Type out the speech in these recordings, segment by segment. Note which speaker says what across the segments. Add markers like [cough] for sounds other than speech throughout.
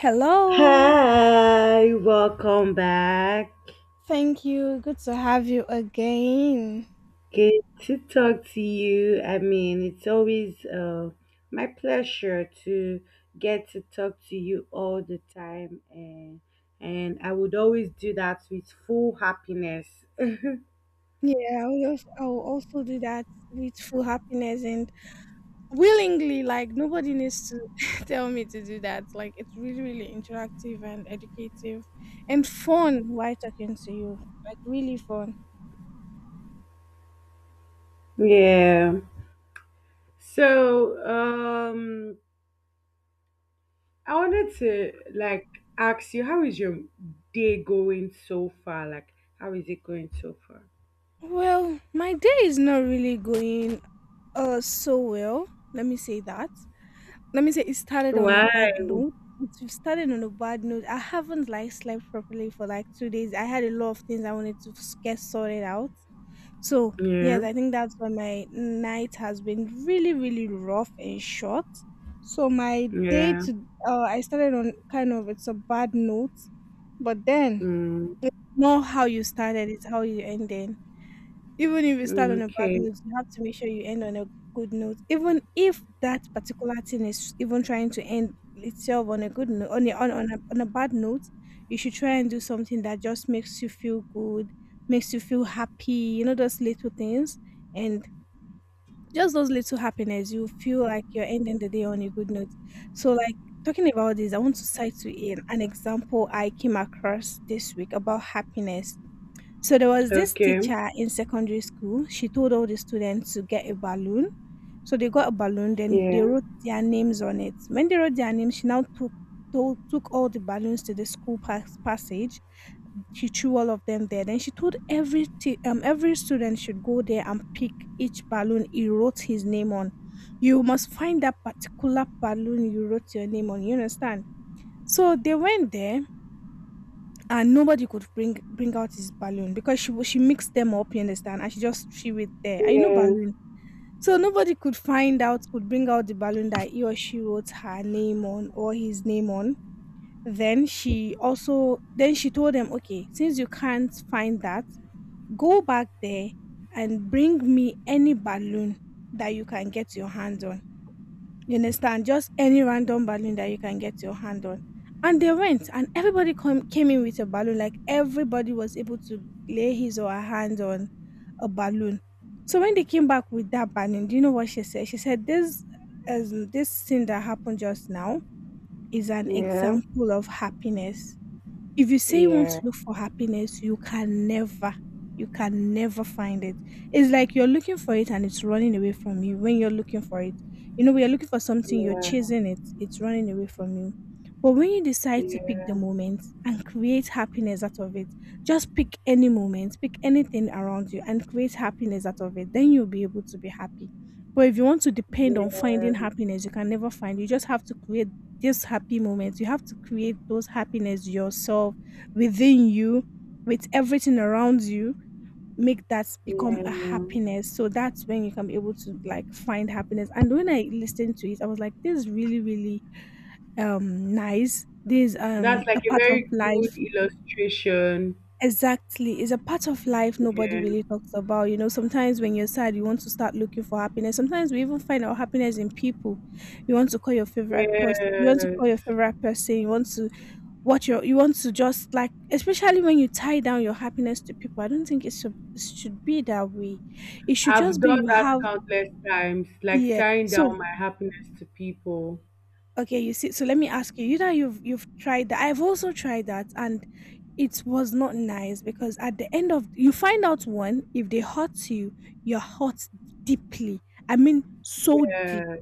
Speaker 1: Hello.
Speaker 2: Hi, welcome back.
Speaker 1: Thank you. Good to have you again.
Speaker 2: Good to talk to you. I mean, it's always my pleasure to get to talk to you all the time, and I would always do that with full happiness. [laughs]
Speaker 1: Yeah, I will also do that with full happiness and willingly. Like, nobody needs to [laughs] tell me to do that. Like, it's really, really interactive and educative and fun while talking to you. Like, really fun.
Speaker 2: Yeah. So, I wanted to like ask you, how is your day going so far? Like, how is it going so far?
Speaker 1: Well, my day is not really going so well. Let me say that. Let me say it started on a
Speaker 2: Why?
Speaker 1: bad note. I haven't like slept properly for like 2 days. I had a lot of things I wanted to get sorted out. So
Speaker 2: Yeah.
Speaker 1: yes, I think that's why my night has been really, really rough and short. So my day
Speaker 2: Yeah.
Speaker 1: to I started on kind of it's a bad note, but then
Speaker 2: Mm.
Speaker 1: not how you started is how you ended. Even if you start
Speaker 2: Mm,
Speaker 1: on a bad
Speaker 2: Okay,
Speaker 1: note, you have to make sure you end on a good note. Even if that particular thing is even trying to end itself on a good note, on a bad note, you should try and do something that just makes you feel good, makes you feel happy, those little things. And just those little happiness, you feel like you're ending the day on a good note. So, like, talking about this, I want to cite to you an example I came across this week about happiness. So there was this
Speaker 2: okay.
Speaker 1: teacher in secondary school. She told all the students to get a balloon. So they got a balloon, then they
Speaker 2: Yeah,
Speaker 1: wrote their names on it. When they wrote their names, she now took told, took all the balloons to the school passage. She threw all of them there. Then she told every every student should go there and pick each balloon he wrote his name on. You must find that particular balloon you wrote your name on. You understand? So they went there and nobody could bring out his balloon because she she mixed them up, you understand, and she just threw it there. I know
Speaker 2: yeah,
Speaker 1: balloon, so nobody could find out could bring out the balloon that he or she wrote her name on or his name on. Then she also then she told them, okay, since you can't find that, go back there and bring me any balloon that you can get your hands on. You understand? Just any random balloon that you can get your hand on. And they went, and everybody came in with a balloon. Like everybody was able to lay his or her hand on a balloon. So when they came back with that balloon, do you know what she said? She said, "This, as this thing that happened just now, is an
Speaker 2: yeah,
Speaker 1: example of happiness." If you say you want to
Speaker 2: yeah,
Speaker 1: look for happiness, you can never find it. It's like you're looking for it and it's running away from you when you're looking for it. You know, when you're looking for something, you're
Speaker 2: yeah,
Speaker 1: chasing it, it's running away from you. But when you decide to pick
Speaker 2: yeah,
Speaker 1: the moment and create happiness out of it, just pick any moment, pick anything around you and create happiness out of it, then you'll be able to be happy. But if you want to depend on
Speaker 2: yeah,
Speaker 1: finding happiness, you can never find. You just have to create those happy moments. You have to create those happiness yourself within you, with everything around you. Make that become
Speaker 2: yeah.
Speaker 1: a happiness. So that's when you can be able to like find happiness. And when I listened to it, I was like, this is really, really nice. This is,
Speaker 2: That's like
Speaker 1: a
Speaker 2: a
Speaker 1: part
Speaker 2: very
Speaker 1: of
Speaker 2: good
Speaker 1: life.
Speaker 2: illustration.
Speaker 1: Exactly. It's a part of life nobody
Speaker 2: Yeah,
Speaker 1: really talks about. You know, sometimes when you're sad, you want to start looking for happiness. Sometimes we even find our happiness in people, you want to call your favorite person,
Speaker 2: Yes.
Speaker 1: you want to what you want to just like, especially when you tie down your happiness to people, I don't think it should be that way. It should just
Speaker 2: I've
Speaker 1: be
Speaker 2: done
Speaker 1: you
Speaker 2: that
Speaker 1: have.
Speaker 2: countless times, like
Speaker 1: Yeah,
Speaker 2: tying
Speaker 1: so
Speaker 2: down my happiness to people.
Speaker 1: okay, you see, so let me ask you, you know, you've tried that, I've also tried that, and it was not nice because at the end of, you find out, one, if they hurt you, you're hurt deeply, I mean so deep.
Speaker 2: Yeah.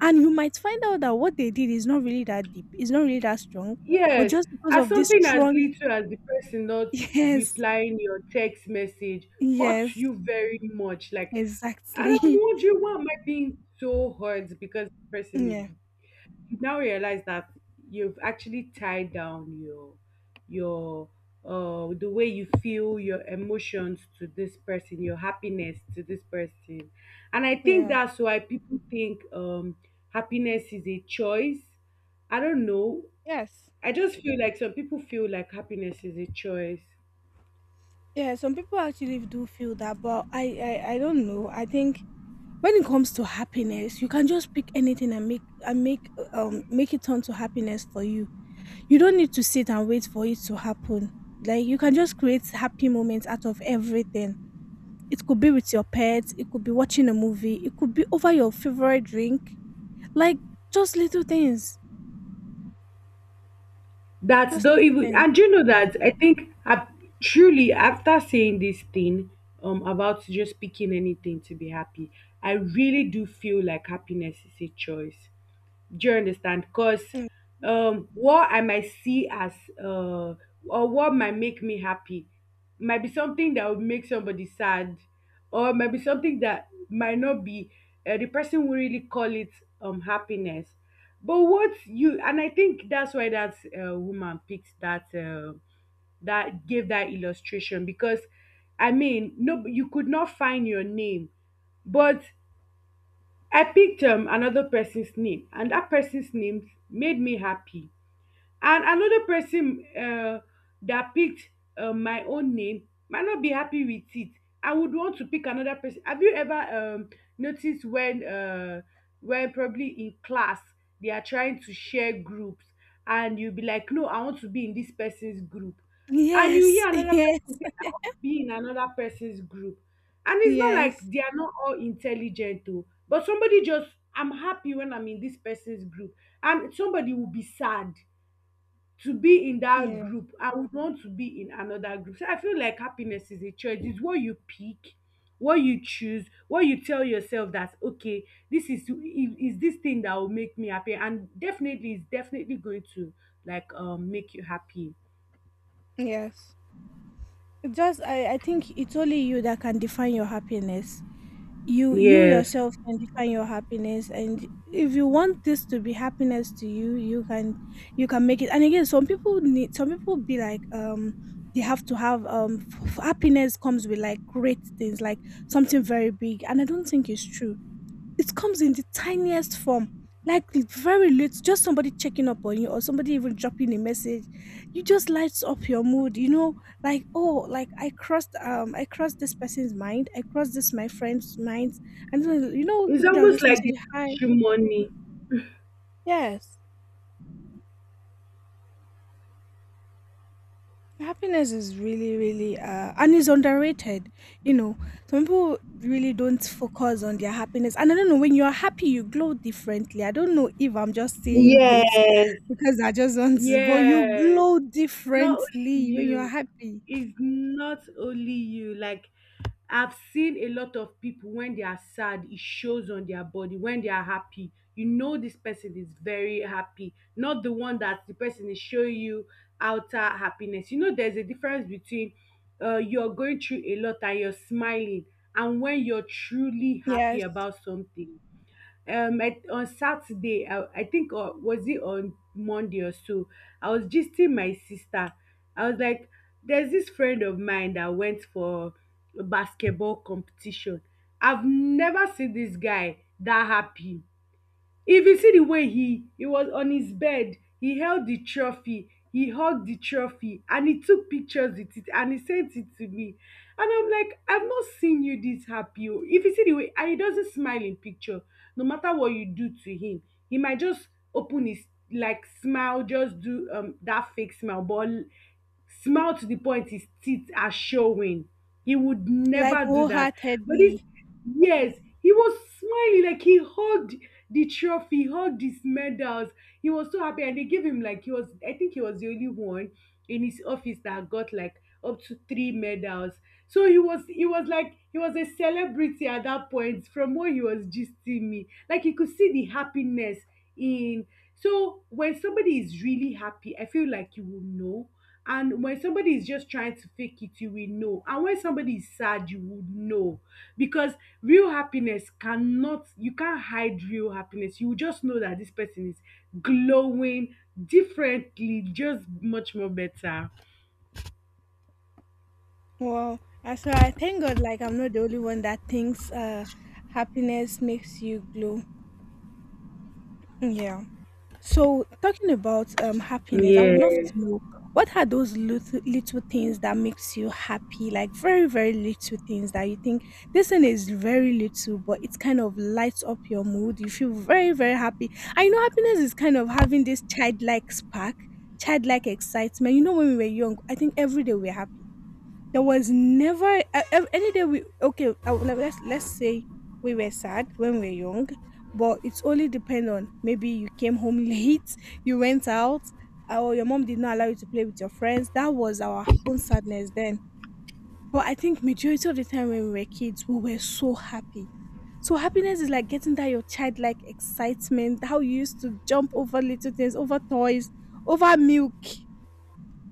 Speaker 1: And you might find out that what they did is not really that deep, it's not really that strong, but
Speaker 2: Yes,
Speaker 1: just because
Speaker 2: as
Speaker 1: of this
Speaker 2: something as
Speaker 1: strong,
Speaker 2: little as the person not
Speaker 1: [laughs] yes,
Speaker 2: replying your text message hurts
Speaker 1: yes.
Speaker 2: you very much. Like, and I'm
Speaker 1: Exactly. [laughs]
Speaker 2: wondering why am I being so hurt because the person is
Speaker 1: Yeah.
Speaker 2: you now realize that you've actually tied down your the way you feel your emotions to this person, your happiness to this person. And I think
Speaker 1: Yeah.
Speaker 2: that's why people think happiness is a choice. I don't know.
Speaker 1: Yes.
Speaker 2: I just feel like some people feel like happiness is a choice.
Speaker 1: Yeah, some people actually do feel that, but I don't know. I think when it comes to happiness, you can just pick anything and make make it turn to happiness for you. You don't need to sit and wait for it to happen. Like you can just create happy moments out of everything. It could be with your pets, it could be watching a movie, it could be over your favorite drink. Like just little things.
Speaker 2: That's
Speaker 1: Just
Speaker 2: though
Speaker 1: little
Speaker 2: even
Speaker 1: things.
Speaker 2: and you know that I think truly after saying this thing about just picking anything to be happy, I really do feel like happiness is a choice. Do you understand? Because
Speaker 1: Mm.
Speaker 2: what I might see as uh, or what might make me happy might be something that would make somebody sad, or might be something that might not be the person will really call it happiness. But what you and I think that's why that woman picked that that gave that illustration because I mean no you could not find your name but I picked another person's name and that person's name made me happy and another person that picked my own name might not be happy with it and would want to pick another person. Have you ever noticed when probably in class they are trying to share groups and you'll be like, no, I want to be in this person's group, and you
Speaker 1: Yes.
Speaker 2: hear
Speaker 1: [laughs]
Speaker 2: another person
Speaker 1: Yes.
Speaker 2: say, I want to be in another person's group? And it's not like
Speaker 1: Yes.
Speaker 2: they are not all intelligent, though, but somebody just, I'm happy when I'm in this person's group, and somebody will be sad to be in that
Speaker 1: Yeah.
Speaker 2: group, I would want to be in another group. So I feel like happiness is a choice. It's what you pick, what you choose, what you tell yourself that, okay, this is this thing that will make me happy, and definitely it's definitely going to like make you happy.
Speaker 1: Yes. It just, I think it's only you that can define your happiness. You
Speaker 2: Yes,
Speaker 1: yourself can define your happiness, and if you want this to be happiness to you, you can, you can make it. And again, some people be like, they have to have, happiness comes with like great things, like something very big, and I don't think it's true. It comes in the tiniest form, like very lit just somebody checking up on you or somebody even dropping a message. You just lights up your mood, you know, like, "Oh, like I crossed, I crossed this person's mind, I crossed this my friend's mind." And then, you know,
Speaker 2: it's
Speaker 1: people that will
Speaker 2: almost
Speaker 1: just
Speaker 2: like
Speaker 1: message
Speaker 2: the
Speaker 1: you, "Hi."
Speaker 2: money.
Speaker 1: Yes. Happiness is really, really, and it's underrated. You know, some people really don't focus on their happiness. And I don't know, when you're happy, you glow differently. I don't know if I'm just saying this
Speaker 2: Yes.
Speaker 1: [laughs] because I just want to, but you
Speaker 2: Yes,
Speaker 1: glow
Speaker 2: it's not only
Speaker 1: differently when you're
Speaker 2: you.
Speaker 1: happy.
Speaker 2: It's not only you. Like I've seen a lot of people when they are sad, it shows on their body. When they are happy, you know this person is very happy. Not the one that the person is showing you outer happiness. You know, there's a difference between you're going through a lot and you're smiling, and when you're truly happy
Speaker 1: Yes,
Speaker 2: about something. I, on Saturday, I think, or was it on Monday or so, I was gisting my sister. I was like, there's this friend of mine that went for a basketball competition. I've never seen this guy that happy. If you see the way he was on his bed, he held the trophy, he hugged the trophy, and he took pictures with it and he sent it to me. And I'm like, I've not seen you this happy. Oh." If you see the way, and he doesn't smile in picture, no matter what you do to him, he might just open his like smile, just do that fake smile, but smile to the point his teeth are showing. He would
Speaker 1: like
Speaker 2: never do that. But this,
Speaker 1: wholeheartedly.
Speaker 2: yes, he was smiling like he hugged the trophy, hugged his medals. He was so happy, and they gave him like he was. I think he was the only one in his office that got like up to three medals. So he was like, he was a celebrity at that point. From what he was gisting me, like you could see the happiness in, so when somebody is really happy, I feel like you will know. And when somebody is just trying to fake it, you will know. And when somebody is sad, you would know. Because real happiness cannot, you can't hide real happiness. You will just know that this person is glowing differently, just much more better.
Speaker 1: Wow. And so I thank God, like, I'm not the only one that thinks happiness makes you glow. Yeah. So, talking about happiness, I would love to
Speaker 2: Yeah.
Speaker 1: know, what are those little little things that makes you happy? Like very very little things that you think this thing is very little, but it kind of lights up your mood. You feel very very happy. And you know, happiness is kind of having this childlike spark, childlike excitement. You know, when we were young, I think every day we're happy. There was never any day we okay. I would let's say we were sad when we were young, but it's only depend on maybe you came home [laughs] late, you went out, or your mom did not allow you to play with your friends. That was our own sadness then. But I think majority of the time when we were kids, we were so happy. So happiness is like getting that your childlike excitement, how you used to jump over little things, over toys, over milk.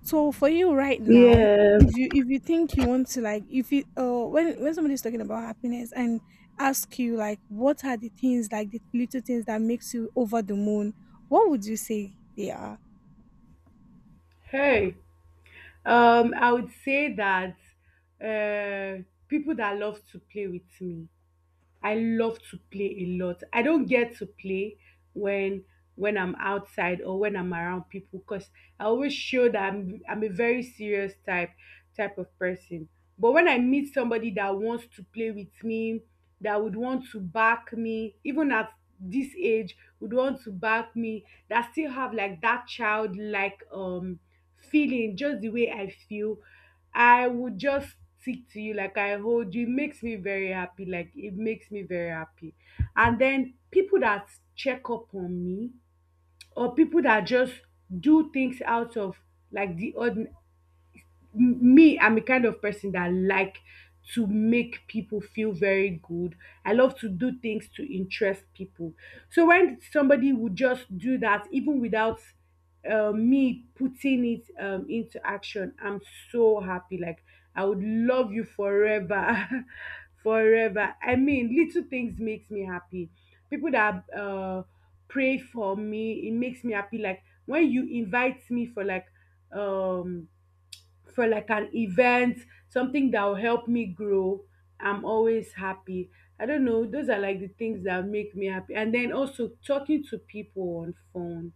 Speaker 1: So for you right now,
Speaker 2: Yeah.
Speaker 1: if you think you want to like if you when somebody's talking about happiness and ask you like what are the things, like the little things that makes you over the moon, what would you say they are?
Speaker 2: Hey. I would say that uh people that love to play with me, I love to play a lot. I don't get to play when I'm outside or when I'm around people, because I always show that I'm a very serious type of person. But when I meet somebody that wants to play with me, that would want to back me, even at this age, would want to back me, that still have like that childlike feeling, just the way I feel, I would just stick to you like I hold you. It makes me very happy. Like it makes me very happy. And then people that check up on me, or people that just do things out of like the ordinary. Me, I'm a kind of person that like to make people feel very good. I love to do things to interest people, so when somebody would just do that even without me putting it into action, I'm so happy. Like I would love you forever. [laughs] Forever. I mean, little things makes me happy. People that pray for me, it makes me happy. Like when you invite me um for like an event, something that will help me grow, I'm always happy. I don't know, those are like the things that make me happy. And then also talking to people on phone.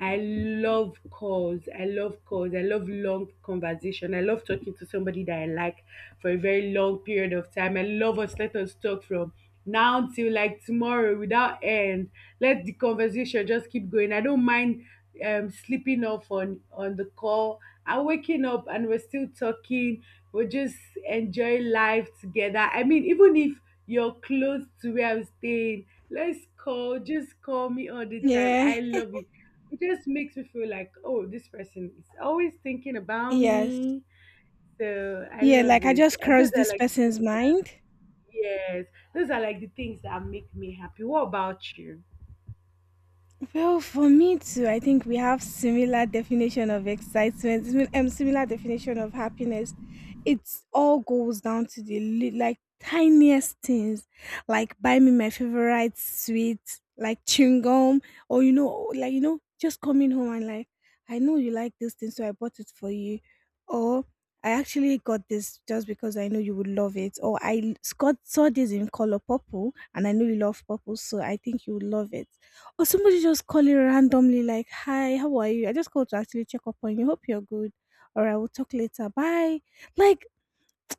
Speaker 2: I love calls. I love calls. I love long conversation. I love talking to somebody that I like for a very long period of time. I love us. Let us talk from now till like tomorrow without end. Let the conversation just keep going. I don't mind sleeping off on the call, I'm waking up and we're still talking, we're just enjoying life together. I mean, even if you're close to where I'm staying, let's call, just call me all the time,
Speaker 1: Yeah.
Speaker 2: I
Speaker 1: [laughs]
Speaker 2: love it. It just makes me feel like, oh, this person is always thinking about
Speaker 1: Yes.
Speaker 2: me. So I
Speaker 1: Yeah,
Speaker 2: love
Speaker 1: like I
Speaker 2: it,
Speaker 1: just
Speaker 2: and those
Speaker 1: crossed
Speaker 2: are
Speaker 1: this
Speaker 2: like the
Speaker 1: person's
Speaker 2: things that,
Speaker 1: mind.
Speaker 2: yes, those are like the things that make me happy. What about you?
Speaker 1: Well, for me too, I think we have similar definition of excitement, similar definition of happiness. It all goes down to the like tiniest things, like buy me my favorite sweet, like chewing gum, or you know, like you know, just coming home and like, I know you like this thing, so I bought it for you, or I actually got this just because I know you would love it, or I saw this in color purple and I know you love purple, so I think you would love it, or somebody just calling randomly like, "Hi, how are you? I just called to actually check up on you. Hope you're good. All right, we'll talk later. Bye." Like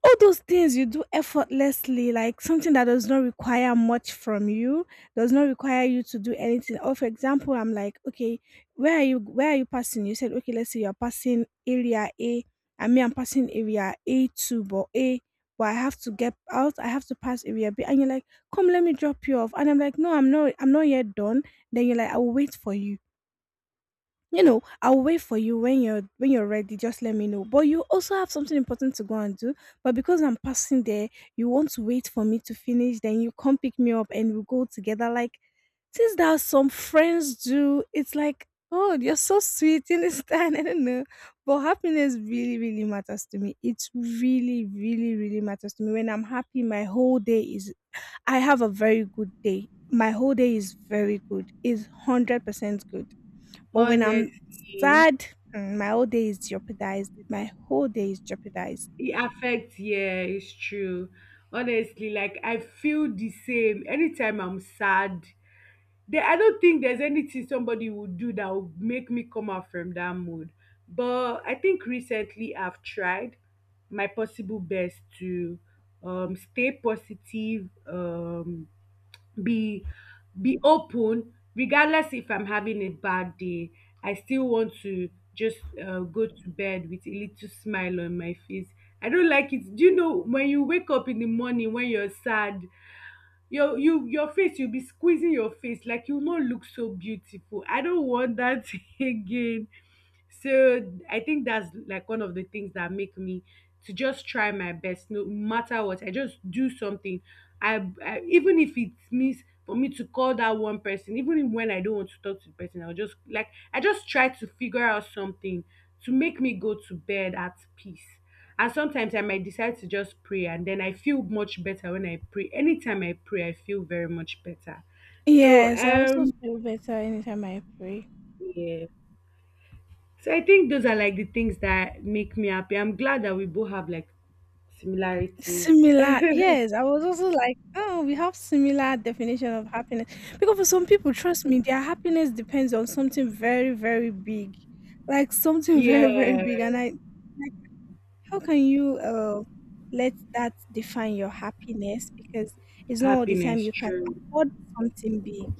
Speaker 1: all those things you do effortlessly, like something that does not require much from you, does not require you to do anything. Or for example, I'm like, okay, where are you passing? You said, okay, let's say you're passing area A. I mean I'm passing area A two but A but I have to get out, I have to pass area B, and you're like, come let me drop you off. And I'm like, no, I'm not yet done. Then you're like, I will wait for you, you know, I'll wait for you, when you're ready, just let me know, but you also have something important to go and do, but because I'm passing there, you want to wait for me to finish, then you come pick me up and we go together. Like, since that some friends do, it's like, oh, you're so sweet, you understand. [laughs] I don't know, but happiness really really matters to me, it really really really matters to me. When I'm happy, my whole day is I have a very good day, my whole day is very good, is 100% good. But when I'm
Speaker 2: Honestly,
Speaker 1: sad, mm, my whole day is jeopardized. My whole day is jeopardized.
Speaker 2: it affects, yeah, it's true. Honestly, like I feel the same. Anytime I'm sad, there, I don't think there's anything somebody would do that would make me come out from that mood. But I think recently I've tried my possible best to stay positive, be be open. Regardless if I'm having a bad day, I still want to just go to bed with a little smile on my face. I don't like it. Do you know when you wake up in the morning when you're sad, you your face, you'll be squeezing your face, like you'll not look so beautiful? I don't want that [laughs] again. So I think that's like one of the things that make me to just try my best, no matter what. I just do something. I even if it means for me to call that one person, even when I don't want to talk to the person, I'll just like, I just try to figure out something to make me go to bed at peace. And sometimes I might decide to just pray, and then I feel much better when I pray. Anytime I pray, I feel very much better. So
Speaker 1: Yes, I also
Speaker 2: um,
Speaker 1: feel better anytime I pray.
Speaker 2: yeah. So I think those are like the things that make me happy. I'm glad that we both have like similarities. [laughs]
Speaker 1: Similar, yes. I was also like, oh, we have similar definition of happiness, because for some people, trust me, their happiness depends on something very, very big, like something [laughs] very, very
Speaker 2: Yeah,
Speaker 1: big. And I, like, how can you let that define your happiness? Because it's not all the time
Speaker 2: happiness,
Speaker 1: you can
Speaker 2: true.
Speaker 1: afford something big.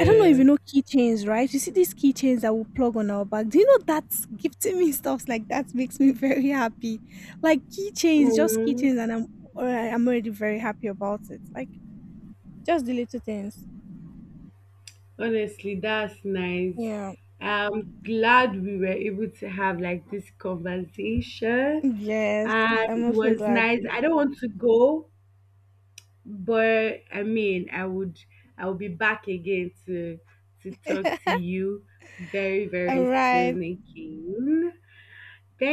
Speaker 1: I don't know if you know keychains, right? You see these keychains that we plug on our bag. Do you know that gifting me stuffs like that makes me [laughs] very happy? Like keychains, just
Speaker 2: Mm,
Speaker 1: keychains, and I'm I'm already very happy about it. Like just the little things.
Speaker 2: honestly, that's nice.
Speaker 1: Yeah.
Speaker 2: I'm glad we were able to have like this conversation,
Speaker 1: Yes.
Speaker 2: and
Speaker 1: I'm
Speaker 2: it
Speaker 1: also
Speaker 2: was
Speaker 1: glad.
Speaker 2: nice. I don't want to go, but I mean, I would, I will be back again to talk to
Speaker 1: [laughs]
Speaker 2: you very,
Speaker 1: All
Speaker 2: very
Speaker 1: right.
Speaker 2: soon again.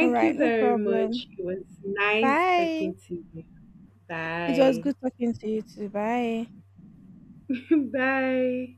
Speaker 1: All
Speaker 2: you
Speaker 1: right. [laughs] No
Speaker 2: very
Speaker 1: problem.
Speaker 2: much. It was nice
Speaker 1: Bye.
Speaker 2: talking to you.
Speaker 1: It was
Speaker 2: Bye.
Speaker 1: good talking to you too. Bye.
Speaker 2: [laughs] Bye.